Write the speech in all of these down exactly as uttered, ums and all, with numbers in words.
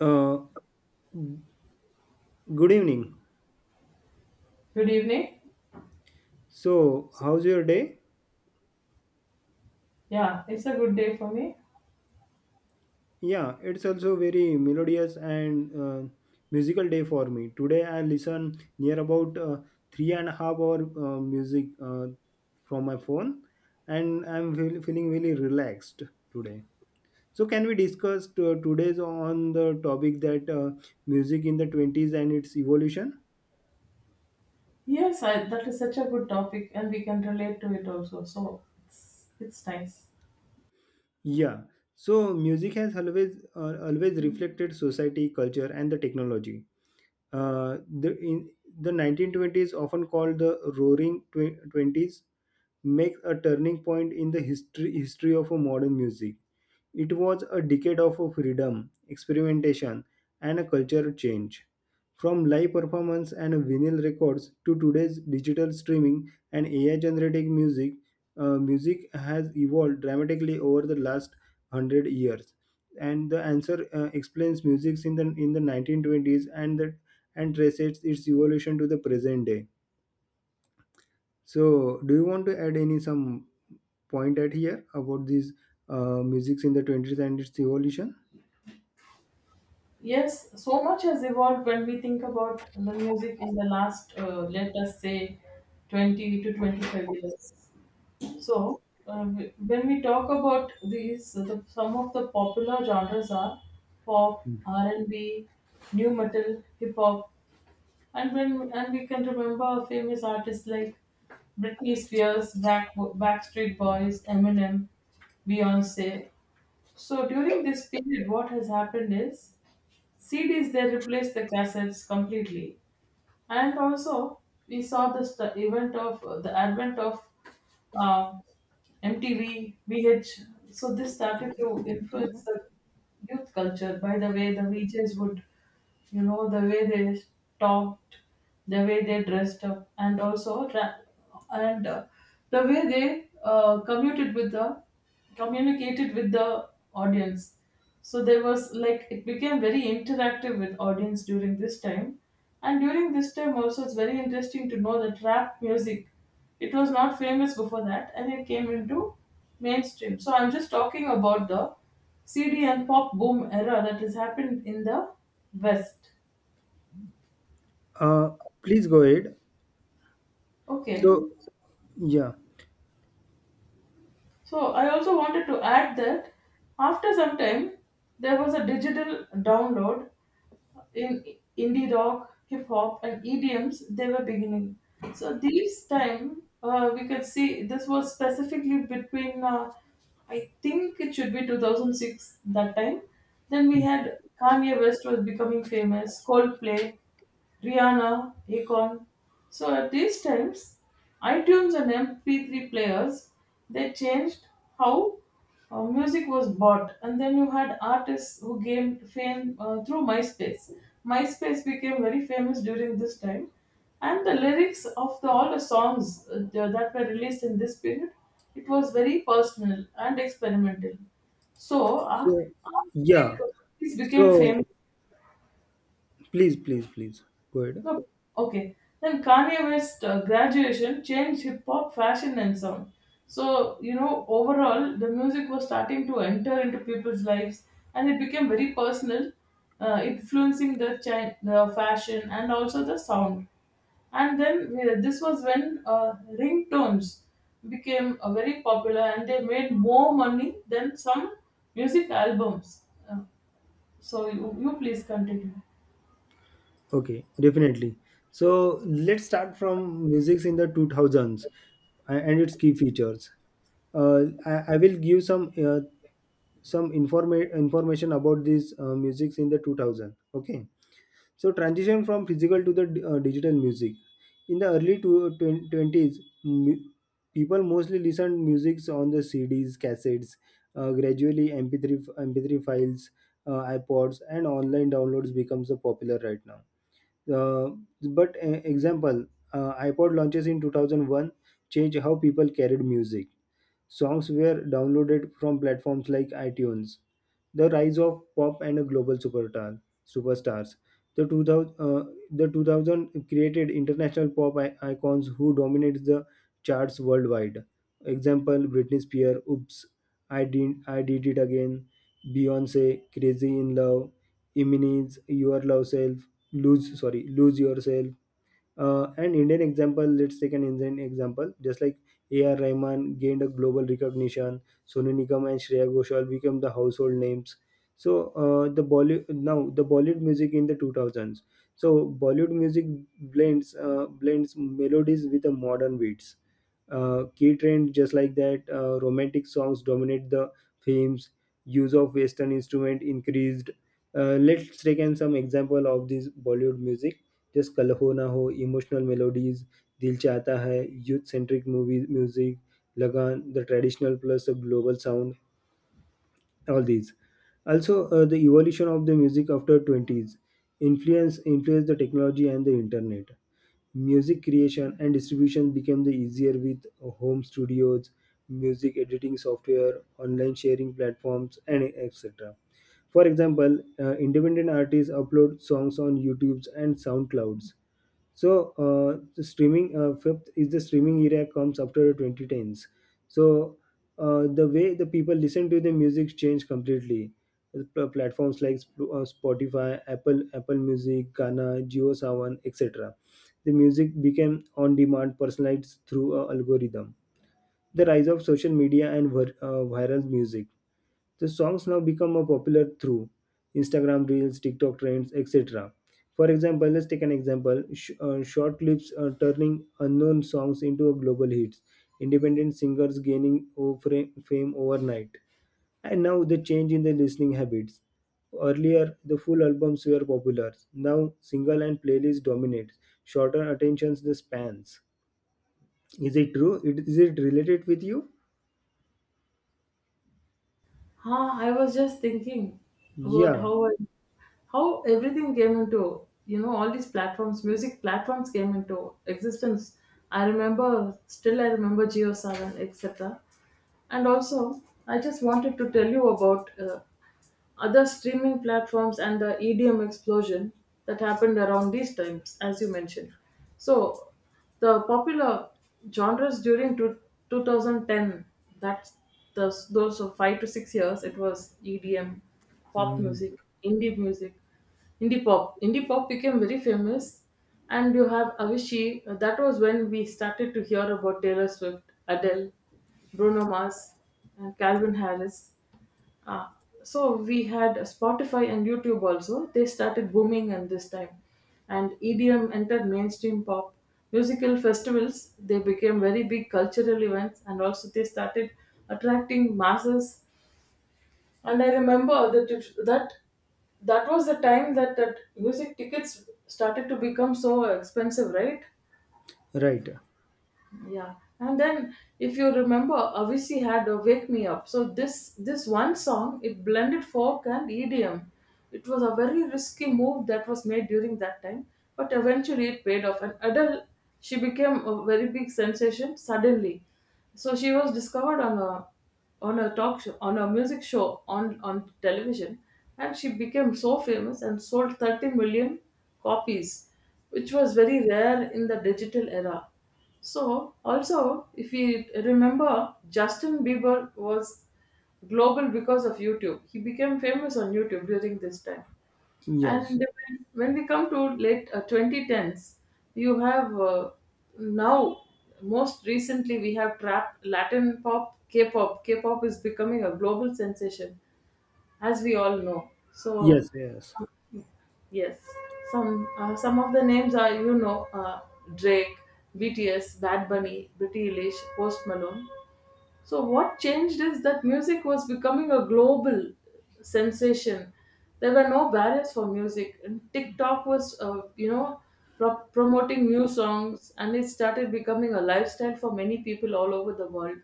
Uh, Good evening. Good evening. So, how's your day? Yeah, it's a good day for me. Yeah, it's also very melodious and uh, musical day for me. Today I listen near about uh, three and a half hour uh, music uh, from my phone, and I'm feel- feeling really relaxed today. So, can we discuss uh, today's on the topic that uh, music in the twenties and its evolution? Yes, I, that is such a good topic, and we can relate to it also. So it's it's nice. Yeah. So, music has always uh, always reflected society, culture, and the technology. Uh, the in the nineteen twenties, often called the Roaring Twenties, makes a turning point in the history history of a modern music. It was a decade of freedom, experimentation, and a culture change. From live performance and vinyl records to today's digital streaming and A I generated music, uh, music has evolved dramatically over the last one hundred years. And the answer uh, explains music in the in the nineteen twenties and the, and traces its evolution to the present day. So, do you want to add any some point at here about these uh, musics in the twenties and its evolution? Yes, so much has evolved when we think about the music in the last, uh, let us say, twenty to twenty-five years. So uh, w- when we talk about these, the, some of the popular genres are pop, R and B, new metal, hip hop. And when and we can remember famous artists like Britney Spears, Back, Backstreet Boys, Eminem, Beyonce. So during this period, what has happened is C Ds, they replaced the cassettes completely, and also we saw the st- event of the advent of uh, M T V, V H. So this started to influence the youth culture by the way the V Js would, you know the way they talked, the way they dressed up, and also tra- and uh, the way they uh, commuted with the communicated with the audience. So there was, like, it became very interactive with audience during this time. And during this time also, it's very interesting to know that rap music, it was not famous before that, and it came into mainstream. So I'm just talking about the C D and pop boom era that has happened in the West. Uh, Please go ahead. Okay. So, yeah. So I also wanted to add that after some time there was a digital download in indie rock, hip hop, and E D Ms. They were beginning. So these time uh, we could see this was specifically between, uh, I think it should be two thousand six that time. Then we had Kanye West was becoming famous, Coldplay, Rihanna, Akon. So at these times, iTunes and M P three players, they changed how uh, music was bought, and then you had artists who gained fame uh, through MySpace. MySpace became very famous during this time, and the lyrics of the, all the songs uh, that were released in this period, it was very personal and experimental. So, ar- So, yeah. artistic piece became So, famous. please, please, please go ahead. No, okay. Then Kanye West uh, graduation changed hip hop fashion and sound. So, you know, overall, the music was starting to enter into people's lives, and it became very personal, uh, influencing the, chi- the fashion and also the sound. And then uh, this was when uh, ringtones became uh, very popular, and they made more money than some music albums. Uh, so, you, you please continue. Okay, definitely. So, let's start from music in the two thousands a- and its key features. Uh, I, I will give some uh, some informa- information about these uh, music in the two thousand. Okay. So transition from physical to the uh, digital music. In the early tw- twen- twenties, mu- people mostly listened music on the C Ds, cassettes, uh, gradually M P three, f- M P three files, uh, iPods, and online downloads becomes the popular right now. Uh, but uh, example, uh, iPod launches in two thousand one changed how people carried music. Songs were downloaded from platforms like iTunes. The rise of pop and global superstar, superstars. The 2000, uh, the two thousand created international pop i- icons who dominate the charts worldwide. Example Britney Spears, Oops, I Did, I Did It Again, Beyonce, Crazy in Love, Eminem's Your Love Self, Lose, sorry, Lose Yourself, uh, an Indian example, let's take an Indian example, just like A R. Rahman gained a global recognition. Sonu Nigam and Shreya Ghoshal became the household names. So, uh, the Bollywood now the Bollywood music in the two thousands. So Bollywood music blends uh, blends melodies with the modern beats. Uh, key trend just like that. Uh, romantic songs dominate the films. Use of Western instrument increased. Uh, let's take in some example of this Bollywood music जैसे कल हो ना हो, emotional melodies, Dil Chahta Hai, youth centric movies music, lagan, the traditional plus the global sound, all these. Also uh, the evolution of the music after twenties influence influenced the technology and the internet. Music creation and distribution became the easier with home studios, music editing software, online sharing platforms, and etc. For example, uh, independent artists upload songs on youtube and soundclouds. So, uh, the streaming uh, fifth is the streaming era, comes after twenty tens. So, uh, the way the people listen to the music changed completely. The pl- platforms like Sp- uh, Spotify, Apple, Apple Music, Gaana, JioSaavn, et cetera. The music became on-demand, personalized through a algorithm. The rise of social media and vir- uh, viral music. The songs now become more popular through Instagram Reels, TikTok trends, et cetera. For example, let's take an example, sh- uh, short clips uh, turning unknown songs into a global hits, independent singers gaining o- fra- fame overnight. And now the change in the listening habits. Earlier, the full albums were popular. Now, single and playlist dominate. Shorter attentions the spans. Is it true? It, is it related with you? Huh, I was just thinking about Yeah. how I- how everything came into, you know all these platforms, music platforms came into existence. I remember, still I remember Geo Seven, et cetera. And also, I just wanted to tell you about uh, other streaming platforms and the E D M explosion that happened around these times, as you mentioned. So, the popular genres during two, two thousand ten, that's the, those of five to six years, it was E D M, pop Mm. music, indie music, indie pop. Indie pop became very famous, and you have Avicii. uh, That was when we started to hear about Taylor Swift, Adele, Bruno Mars, and Calvin Harris. Uh, so we had Spotify and YouTube also. They started booming in this time, and E D M entered mainstream pop. Musical festivals, they became very big cultural events, and also they started attracting masses. And I remember that it, that that was the time that that music tickets started to become so expensive, right? Right. Yeah. And then, if you remember, Avicii had a Wake Me Up. So this this one song, it blended folk and EDM. It was a very risky move that was made during that time, but eventually it paid off. And Adele, she became a very big sensation suddenly. So she was discovered on a on a talk show, on a music show, on on television, and she became so famous and sold thirty million copies, which was very rare in the digital era. So, also, if we remember, Justin Bieber was global because of YouTube. He became famous on YouTube during this time. And Yes. when when we come to late uh, twenty tens, you have, uh, now, most recently, we have trap, Latin pop, K pop. K pop is becoming a global sensation, as we all know. So, Yes, yes. yes, some uh, some of the names are, you know uh, Drake, B T S, Bad Bunny, Britney, Eilish, Post Malone. So what changed is that music was becoming a global sensation. There were no barriers for music, and TikTok was uh, you know pro- promoting new songs, and it started becoming a lifestyle for many people all over the world,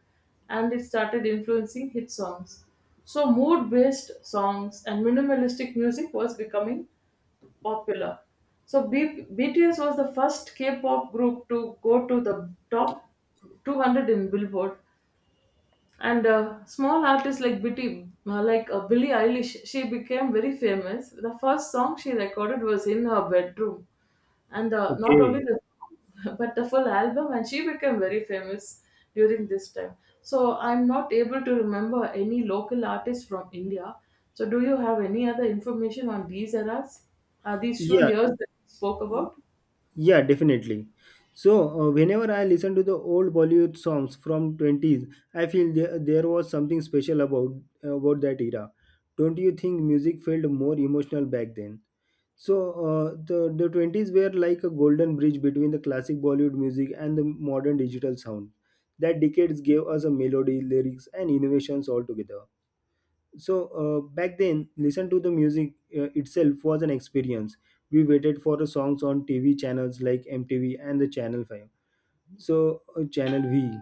and it started influencing hit songs. So mood-based songs and minimalistic music was becoming popular. So B- BTS was the first K-pop group to go to the top two hundred in Billboard, and uh, small artists like Bitty, uh, like uh, Billie Eilish, she became very famous. The first song she recorded was in her bedroom, and uh, not only Okay. the song, but the full album, and she became very famous during this time. So I'm not able to remember any local artists from India. So do you have any other information on these eras, uh, these few Yeah, years that we spoke about? yeah, definitely. So, uh, whenever I listen to the old Bollywood songs from twenties, I feel there, there was something special about about that era. Don't you think music felt more emotional back then? So, uh, the the twenties were like a golden bridge between the classic Bollywood music and the modern digital sound. That decades gave us a melody, lyrics, and innovations all together. So, uh, back then listen to the music uh, itself was an experience. We waited for the songs on T V channels like M T V and the channel five. So, uh, channel v,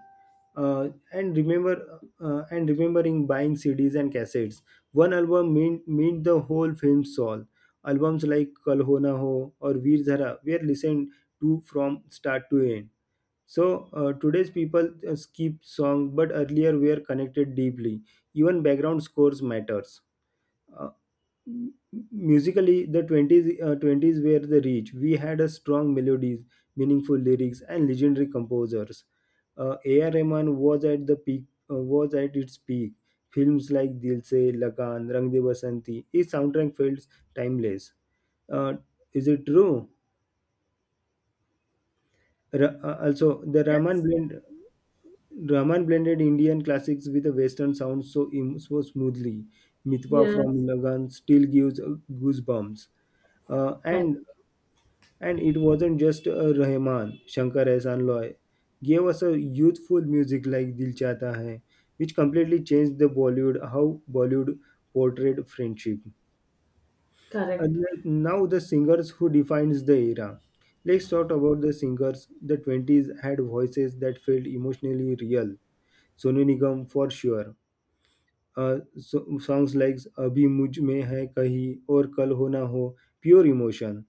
uh, and remember uh, and remembering buying C Ds and cassettes. One album meant, meant the whole film soul. Albums like Kal Ho Na Ho or Veer Zara were listened to from start to end. So, uh, today's people uh, skip songs, but earlier were connected deeply. Even background scores matters. uh, m- Musically the 20s uh, twenties were the reach. We had a strong melodies, meaningful lyrics, and legendary composers. uh, A R Rahman was at the peak uh, was at its peak. Films like Dil Se, Lagan, Rang De Basanti, his soundtrack feels timeless. uh, is it true? Ra- uh, also the rahman Yes. blend Rahman blended Indian classics with a Western sound, so, im- so smoothly. Mitwa from Yes. Lagan still gives uh, goosebumps. Uh, Correct. and and it wasn't just uh, Rahman. Shankar Ehsaan Loy gave us a youthful music like Dil Chahta Hai, which completely changed the Bollywood how Bollywood portrayed friendship. Correct. And now the singers who defines the era. Let's talk about the singers. The twenties had voices that felt emotionally real. Sonu Nigam for sure. Uh, so songs likes अभी मुझ में है कहीं और कल Ho Na Ho, pure emotion.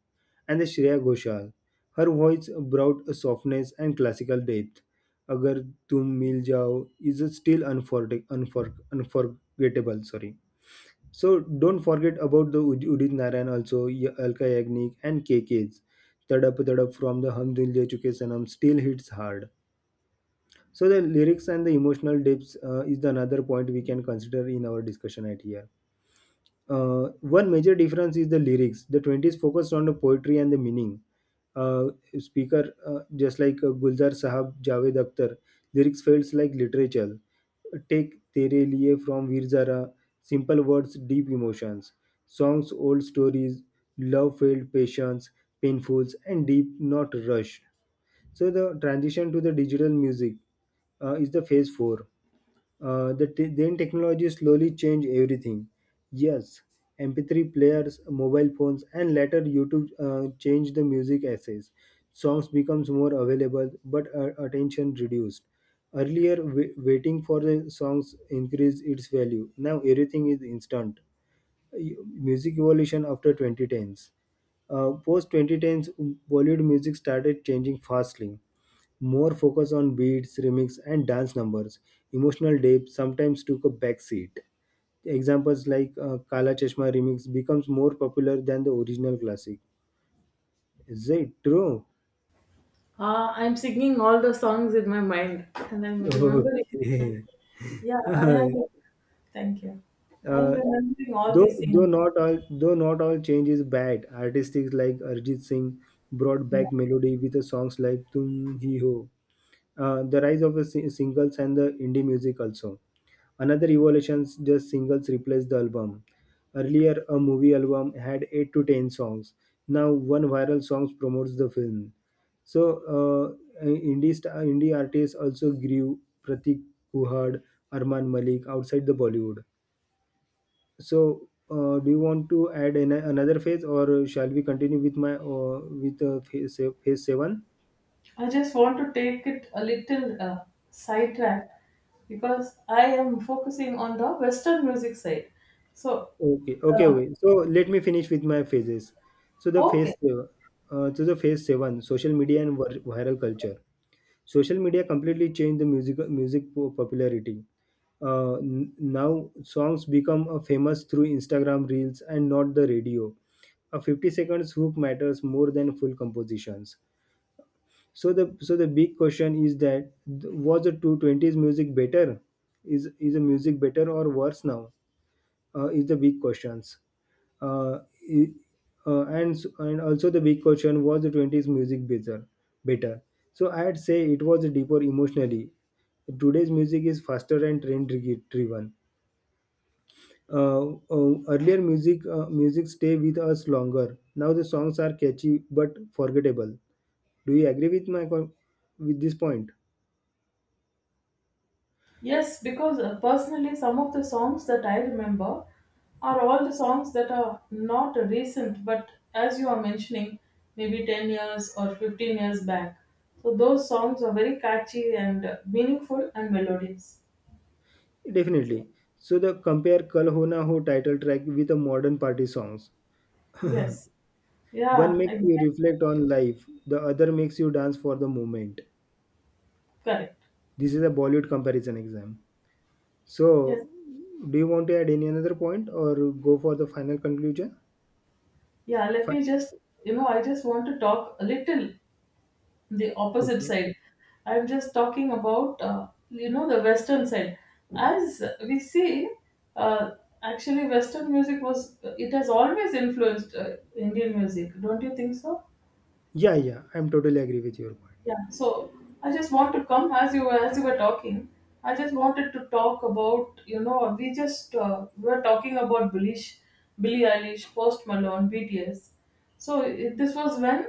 And Shreya Ghoshal her voice brought softness and classical depth. Agar Tum Mil Jaao is still unforgettable. Sorry. So don't forget about the Udit Narayan also, Alka Yagnik and K KK's. Tadap Tadap from the Hum Dil De Chuke Sanam still hits hard. So the lyrics and the emotional depths, uh, is the another point we can consider in our discussion at here. Uh, one major difference is the lyrics. The twenties focused on the poetry and the meaning. Uh, Speaker, uh, just like uh, Gulzar Sahab, Javed Akhtar, lyrics felt like literature. Take Tere Liye from Veer Zara, simple words, deep emotions. Songs, old stories, love felt patience, painfuls, and deep, not rushed. So the transition to the digital music, uh, is the phase four. Uh, the te- then technology slowly changed everything. Yes, M P three players, mobile phones, and later YouTube uh, changed the music essays. Songs becomes more available, but uh, attention reduced. Earlier, wa- waiting for the songs increased its value. Now everything is instant. Y- Music evolution after twenty tens. Uh, post twenty tens, Bollywood music started changing fastly. More focus on beats, remix, and dance numbers. Emotional depth sometimes took a back seat. Examples like uh, Kala Chashma remix becomes more popular than the original classic. Is it true? Uh, I'm singing all the songs in my mind, and I'm remembering. Okay. Yeah, I uh, am. Thank you. I'm remembering all though these though things. not all though not all change is bad. Artists like Arjit Singh brought Yeah. back melody with the songs like Tum Hi Ho. Uh, the rise of the si- singles and the indie music also. Another evolution is just singles replace the album. Earlier, a movie album had eight to ten songs. Now, one viral song promotes the film. So, uh, indie, st- indie artists also grew. Pratik Kuhad, Arman Malik outside the Bollywood. So, uh, do you want to add an- another phase or shall we continue with my, uh, with uh, phase, phase seven? I just want to take it a little uh, sidetrack, because I am focusing on the Western music side. So, Okay, okay, okay. So let me finish with my phases. So the okay. phase, seven- uh, to the phase seven, social media and vir- viral culture. Social media completely changed the music music po- popularity. Uh, n- now songs become uh, famous through Instagram reels and not the radio. A fifty seconds hook matters more than full compositions. So the so the big question is that, th- was the two twenty s music better? Is is the music better or worse now? Uh, is the big questions. Uh, i- uh, and s- and also the big question, was the twenties music better better. So I'd say it was deeper emotionally. Today's music is faster and trend dri- driven. Uh, uh, earlier music uh, music stay with us longer. Now the songs are catchy but forgettable. Do you agree with my co- with this point? Yes, because uh, personally, some of the songs that I remember are all the songs that are not recent, but as you are mentioning, maybe ten years or fifteen years back. So those songs are very catchy and uh, meaningful and melodious. Definitely. So the compare Kal Ho Na Ho title track with the modern party songs. Yes. One Yeah, makes you exactly. reflect on life, the other makes you dance for the moment. Correct. This is a Bollywood comparison exam. Yes. So, do you want to add any another point or go for the final conclusion? Yeah, let Fine. me just, you know, I just want to talk a little the opposite Okay. side. I'm just talking about, uh, you know, the Western side. As we see, uh, actually, Western music was, it has always influenced uh, Indian music. Don't you think so? Yeah, yeah, I'm totally agree with your point. Yeah, so I just want to come as you were as you were talking. I just wanted to talk about, you know we just uh, we were talking about Billie, Billie Eilish, Post Malone, B T S. So it, this was when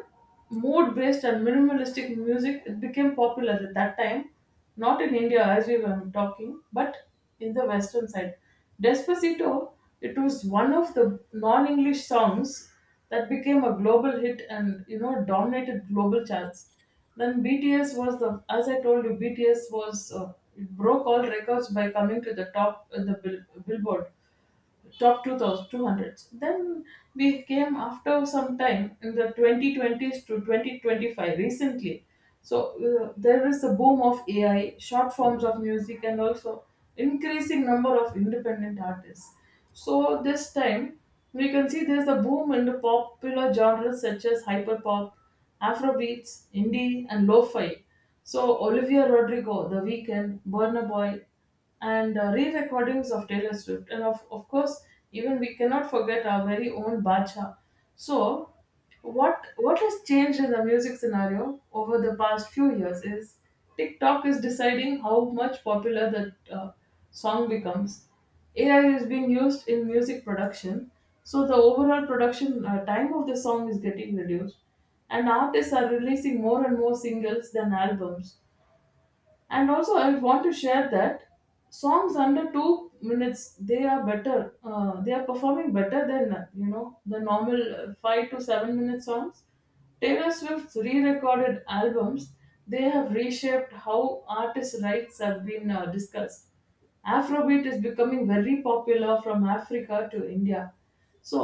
mood based and minimalistic music, it became popular at that time, not in India as we were talking, but in the Western side. Despacito, it was one of the non-English songs that became a global hit and you know dominated global charts. Then B T S was the, as I told you, B T S was, uh, it broke all records by coming to the top in the bill, Billboard top two thousand two hundreds. Then we came after some time in the twenty twenties to twenty twenty-five recently. So uh, there is the boom of AI short forms of music, and also increasing number of independent artists. So this time we can see there's a boom in the popular genres such as hyperpop, afrobeats, indie, and lo-fi. So Olivia Rodrigo, the Weeknd, Burna Boy, and uh, re-recordings of Taylor Swift, and of, of course, even we cannot forget our very own Bacha. So, what what has changed in the music scenario over the past few years is TikTok is deciding how much popular the uh, song becomes. A I is being used in music production, so the overall production uh, time of the song is getting reduced, and artists are releasing more and more singles than albums. And also, I want to share that songs under two minutes, they are better uh, they are performing better than, you know the normal, uh, five to seven minute songs. Taylor Swift's re-recorded albums, they have reshaped how artists' rights have been, uh, discussed. Afrobeat is becoming very popular from Africa to India. So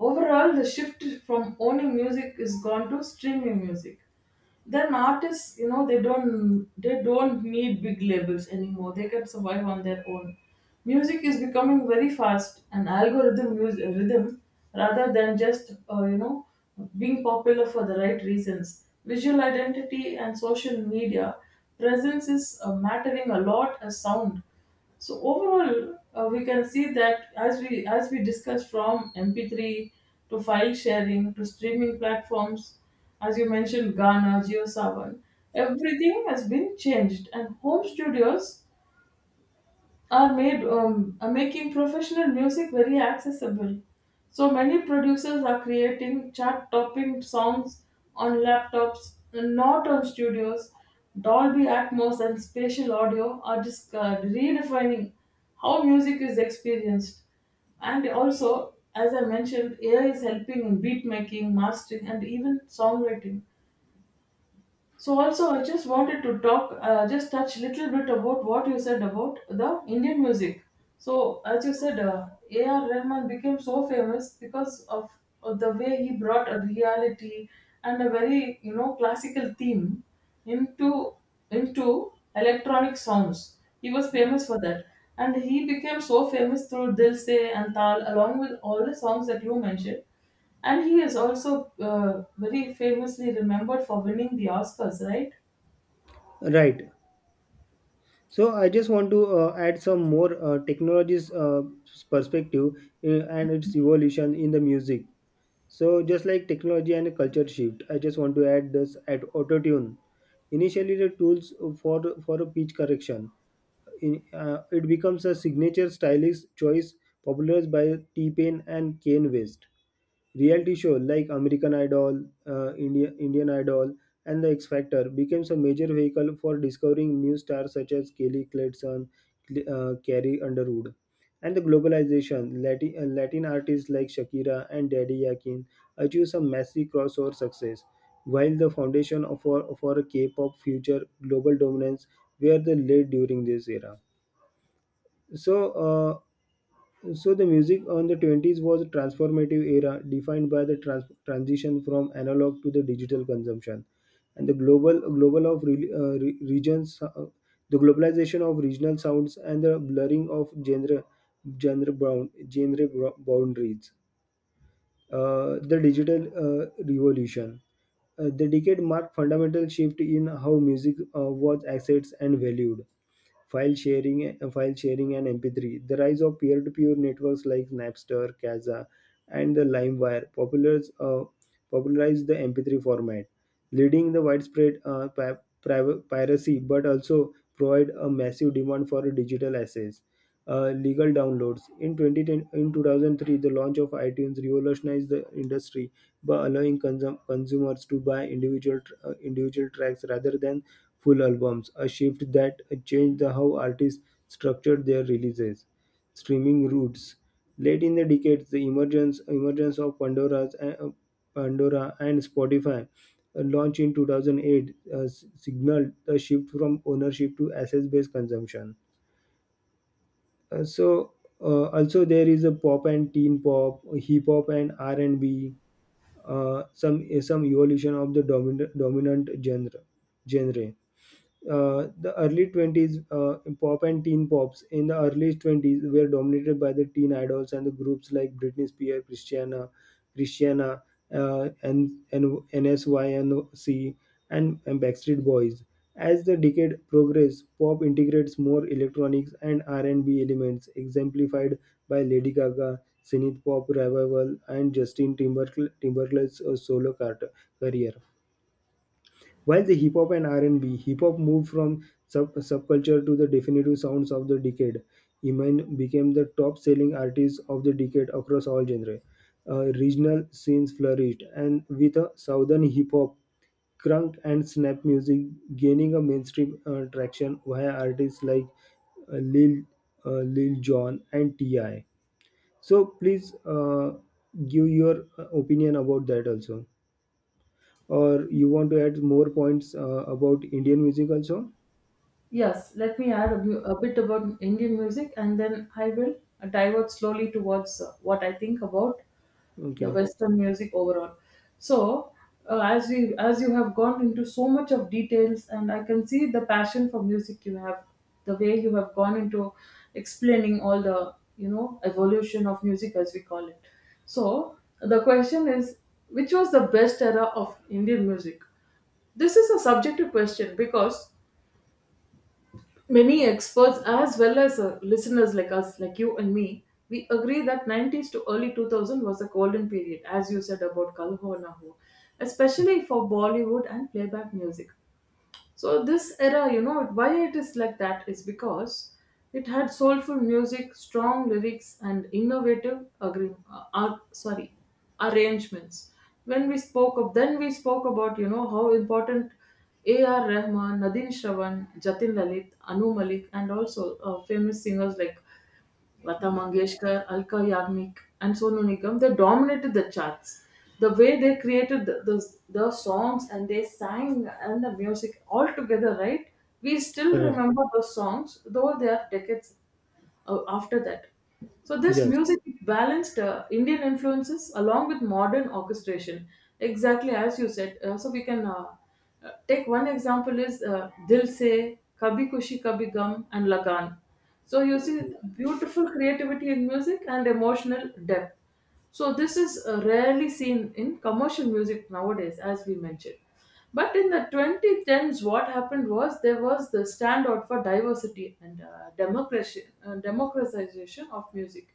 overall, the shift from owning music is gone to streaming music. Then artists, you know, they don't they don't need big labels anymore. They can survive on their own. Music is becoming very fast and algorithm mus- rhythm rather than just, uh, you know being popular for the right reasons. Visual identity and social media presence is, uh, mattering a lot as sound. So overall, uh, we can see that, as we as we discussed, from M P three to file sharing to streaming platforms, as you mentioned Ghana, JioSaavn, everything has been changed, and home studios are made um, are making professional music very accessible. So many producers are creating chart-topping songs on laptops, not on studios. Dolby Atmos and spatial audio are just uh, redefining how music is experienced. And also, as I mentioned, A I is helping in beat making, mastering, and even songwriting. So also, I just wanted to talk, uh, just touch little bit about what you said about the Indian music. So as you said, uh, A R. Rahman became so famous because of, of the way he brought a reality and a very, you know classical theme into into electronic sounds. He was famous for that, and he became so famous through Dil Se and Tal, along with all the songs that you mentioned. And he is also uh, very famously remembered for winning the Oscars, right? Right. So I just want to uh, add some more uh, technologies uh, perspective uh, and its evolution in the music. So just like technology and culture shift, I just want to add this at auto tune. Initially, the tools for for a pitch correction, in, uh, it becomes a signature stylish choice popularized by T-Pain and Kanye West. Reality show like American Idol, uh, India, Indian Idol, and The X Factor becomes a major vehicle for discovering new stars such as Kelly Clarkson, Cl- uh, Carrie Underwood. And the globalization, Latin, uh, Latin artists like Shakira and Daddy Yakin achieve some massive crossover success, while the foundation of our, of our K-pop future global dominance were the laid during this era. So, uh, so the music on the twenties was a transformative era defined by the trans- transition from analog to the digital consumption and the global global of re- uh, re- regions uh, the globalization of regional sounds and the blurring of genre genre bound genre bro- boundaries, uh, the digital uh, revolution. Uh, the decade marked fundamental shift in how music uh, was accessed and valued. File sharing, uh, file sharing, and M P three. The rise of peer-to-peer networks like Napster, Kazaa, and the LimeWire populars, uh, popularized the M P three format, leading the widespread uh, pi- priv- piracy, but also provide a massive demand for digital assets uh, legal downloads. In twenty ten, in two thousand three, the launch of iTunes revolutionized the industry by allowing consum- consumers to buy individual tr- uh, individual tracks rather than full albums, a shift that changed the how artists structured their releases. Streaming routes. Late in the decades, the emergence emergence of Pandora's uh, uh, Pandora and Spotify uh, launch in two thousand eight uh, s- signaled a shift from ownership to access-based consumption. Uh, so uh, also there is a pop and teen pop, hip hop and R and B. Uh, some some evolution of the dominant dominant genre genre. Uh, the early twenties uh, pop and teen pops in the early twenties were dominated by the teen idols and the groups like Britney Spears, Christiana, Christiana, uh, and, and N Sync and, and Backstreet Boys. As the decade progressed, pop integrates more electronics and R and B elements, exemplified by Lady Gaga, Synth pop revival, and Justin Timberl- Timberlake's uh, solo cart- career. While the hip hop and R and B, hip hop moved from sub- subculture to the definitive sounds of the decade. Iman became the top-selling artist of the decade across all genres. Regional scenes flourished, and with a southern hip hop, crunk, and snap music gaining a mainstream uh, traction via artists like uh, Lil uh, Lil Jon and Ti. So please uh, Give your uh, opinion about that also, or you want to add more points uh, about Indian music also? Yes, let me add a, mu- a bit about Indian music, and then I will divert slowly towards uh, what I think about the Okay. western music overall. So uh, as you as you have gone into so much of details, and I can see the passion for music you have, the way you have gone into explaining all the, you know, evolution of music, as we call it. So the question is, which was the best era of Indian music? This is a subjective question because many experts, as well as uh, listeners like us, like you and me, we agree that nineties to early two thousand was a golden period, as you said about Kalhonahu, especially for Bollywood and playback music. So this era, you know, why it is like that is because it had soulful music, strong lyrics, and innovative agree, uh, ar- sorry, arrangements. When we spoke of, then we spoke about, you know, how important A R. Rahman, Nadine Shravan, Jatin Lalit, Anu Malik, and also uh, famous singers like Lata Mangeshkar, Alka Yagnik, and Sonu Nigam, they dominated the charts. The way they created the, the, the songs, and they sang, and the music all together, right? We still Uh, remember those songs, though they are decades uh, after that. So this yes. music balanced uh, Indian influences along with modern orchestration, exactly as you said. Uh, so we can uh, uh, take one example is uh, Dil Se, Kabhi Kushi Kabhi Gum, and Lagan. So you see beautiful creativity in music and emotional depth. So this is uh, rarely seen in commercial music nowadays, as we mentioned. But in the twenty tens, what happened was there was the standout for diversity and uh, democracy, uh, democratization of music.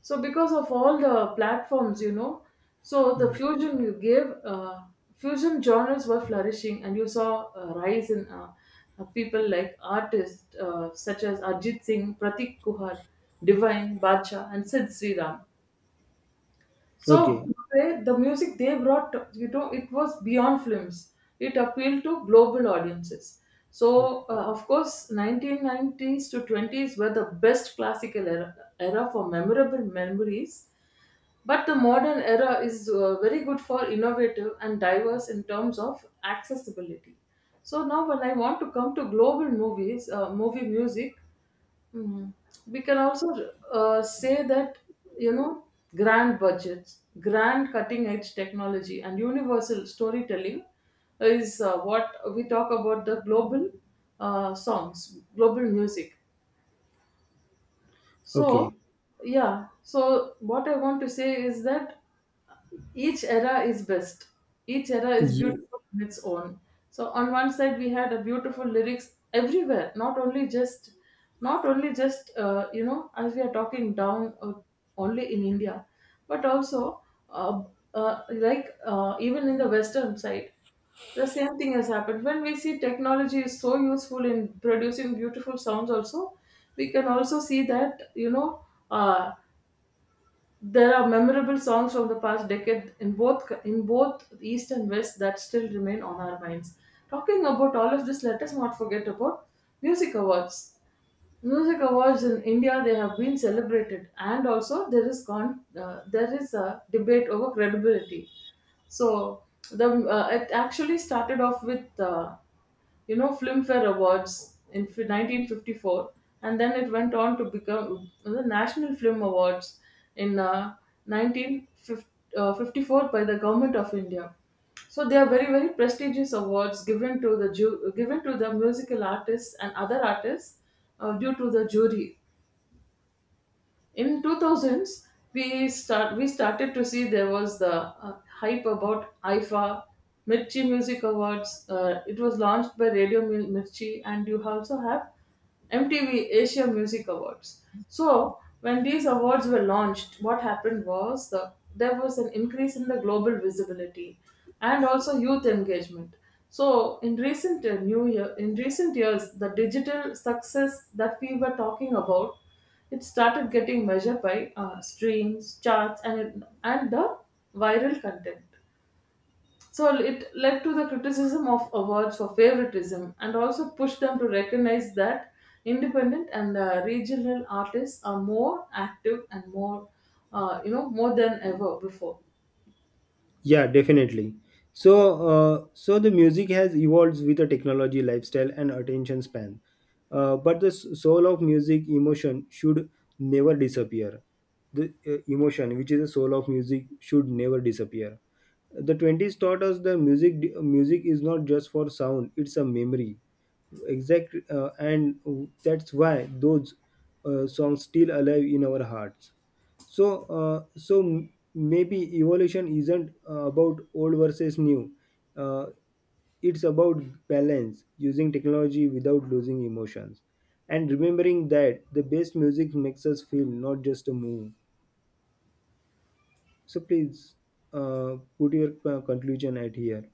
So because of all the platforms, you know, so the fusion you gave, uh, fusion genres were flourishing, and you saw a rise in uh, uh, people like artists uh, such as Arjit Singh, Pratik Kuhad, Divine, Badshah, and Sid Sriram. So Okay. they, the music they brought, you know, it was beyond films. It appealed to global audiences. Okay. So uh, of course, nineteen nineties to twenties were the best classical era, era for memorable memories. But the modern era is uh, very good for innovative and diverse in terms of accessibility. So now, when I want to come to global movies, uh, movie music. Mhm. We can also uh, say that, you know, grand budgets, grand cutting edge technology, and universal storytelling is uh, what we talk about, the global uh, songs, global music. So, Okay. yeah, so what I want to say is that each era is best. Each era is beautiful in its own. So on one side we had a beautiful lyrics everywhere, not only just, not only just uh, you know, as we are talking down uh, only in India, but also uh, uh, like uh, even in the western side. The same thing has happened. When we see technology is so useful in producing beautiful sounds, also, we can also see that, you know, uh, there are memorable songs from the past decade in both in both East and West that still remain on our minds. Talking about all of this, let us not forget about music awards. Music awards in India, they have been celebrated, and also there is con- uh, there is a debate over credibility. So the uh, it actually started off with uh, you know, Filmfare Awards in fi- nineteen fifty-four, and then it went on to become uh, the National Film Awards in uh, nineteen fifty-four by the government of India. So they are very very prestigious awards given to the ju- given to the musical artists and other artists uh, due to the jury. In two thousands, we start we started to see there was the uh, hype about I F A, mirchi music awards. Uh, it was launched by radio Mil- mirchi, and you also have M T V Asia music awards. So when these awards were launched, what happened was the, there was an increase in the global visibility and also youth engagement. So in recent uh, new year in recent years, the digital success that we were talking about, it started getting measured by uh, streams, charts, and and the viral content. So it led to the criticism of awards for favoritism, and also pushed them to recognize that independent and uh, regional artists are more active and more, uh, you know, more than ever before. Yeah, definitely. So, uh, so the music has evolved with the technology, lifestyle, and attention span. Uh, but the s- soul of music, emotion, should never disappear. The uh, emotion, which is the soul of music, should never disappear. The twenties taught us the music. Music is not just for sound; it's a memory. Exact, uh, and that's why those uh, songs still alive in our hearts. So uh, so m- maybe evolution isn't uh, about old versus new, uh, it's about balance using technology without losing emotions and remembering that the best music makes us feel not just a move. So please uh, Put your uh, conclusion at here.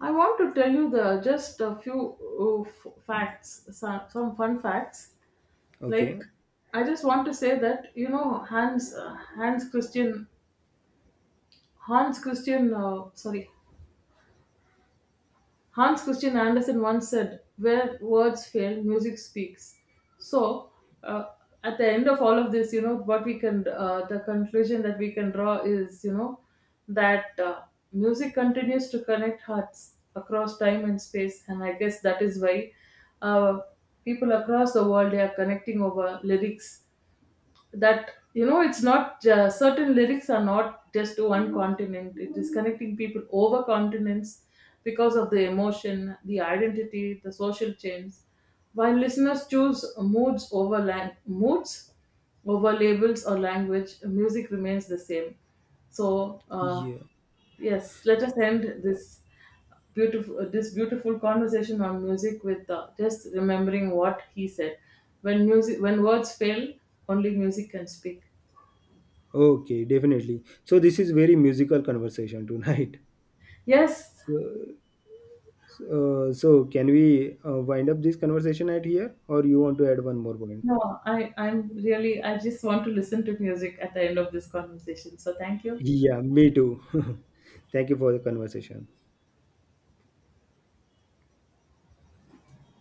I want to tell you the just a few uh, f- facts, some, some fun facts. Like, Okay. I just want to say that you know Hans uh, Hans Christian Hans Christian, uh, sorry, Hans Christian Andersen once said, "Where words fail, music speaks." So, uh, at the end of all of this, you know, what we can, uh, the conclusion that we can draw is, you know, that uh, music continues to connect hearts across time and space, and I guess that is why uh, people across the world, they are connecting over lyrics, that, you know, it's not uh, certain lyrics are not just to one continent, it is connecting people over continents because of the emotion, the identity, the social change. While listeners choose moods over lang- moods over labels or language, music remains the same. So uh, Yeah. yes, let us end this beautiful this beautiful conversation on music with uh, just remembering what he said. When music, when words fail, only music can speak. Okay, definitely. So this is very musical conversation tonight. Yes, so uh, so can we uh, wind up this conversation at here, or you want to add one more point? no, I I'm really, I just want to listen to music at the end of this conversation. So thank you. Yeah, me too. Thank you for the conversation.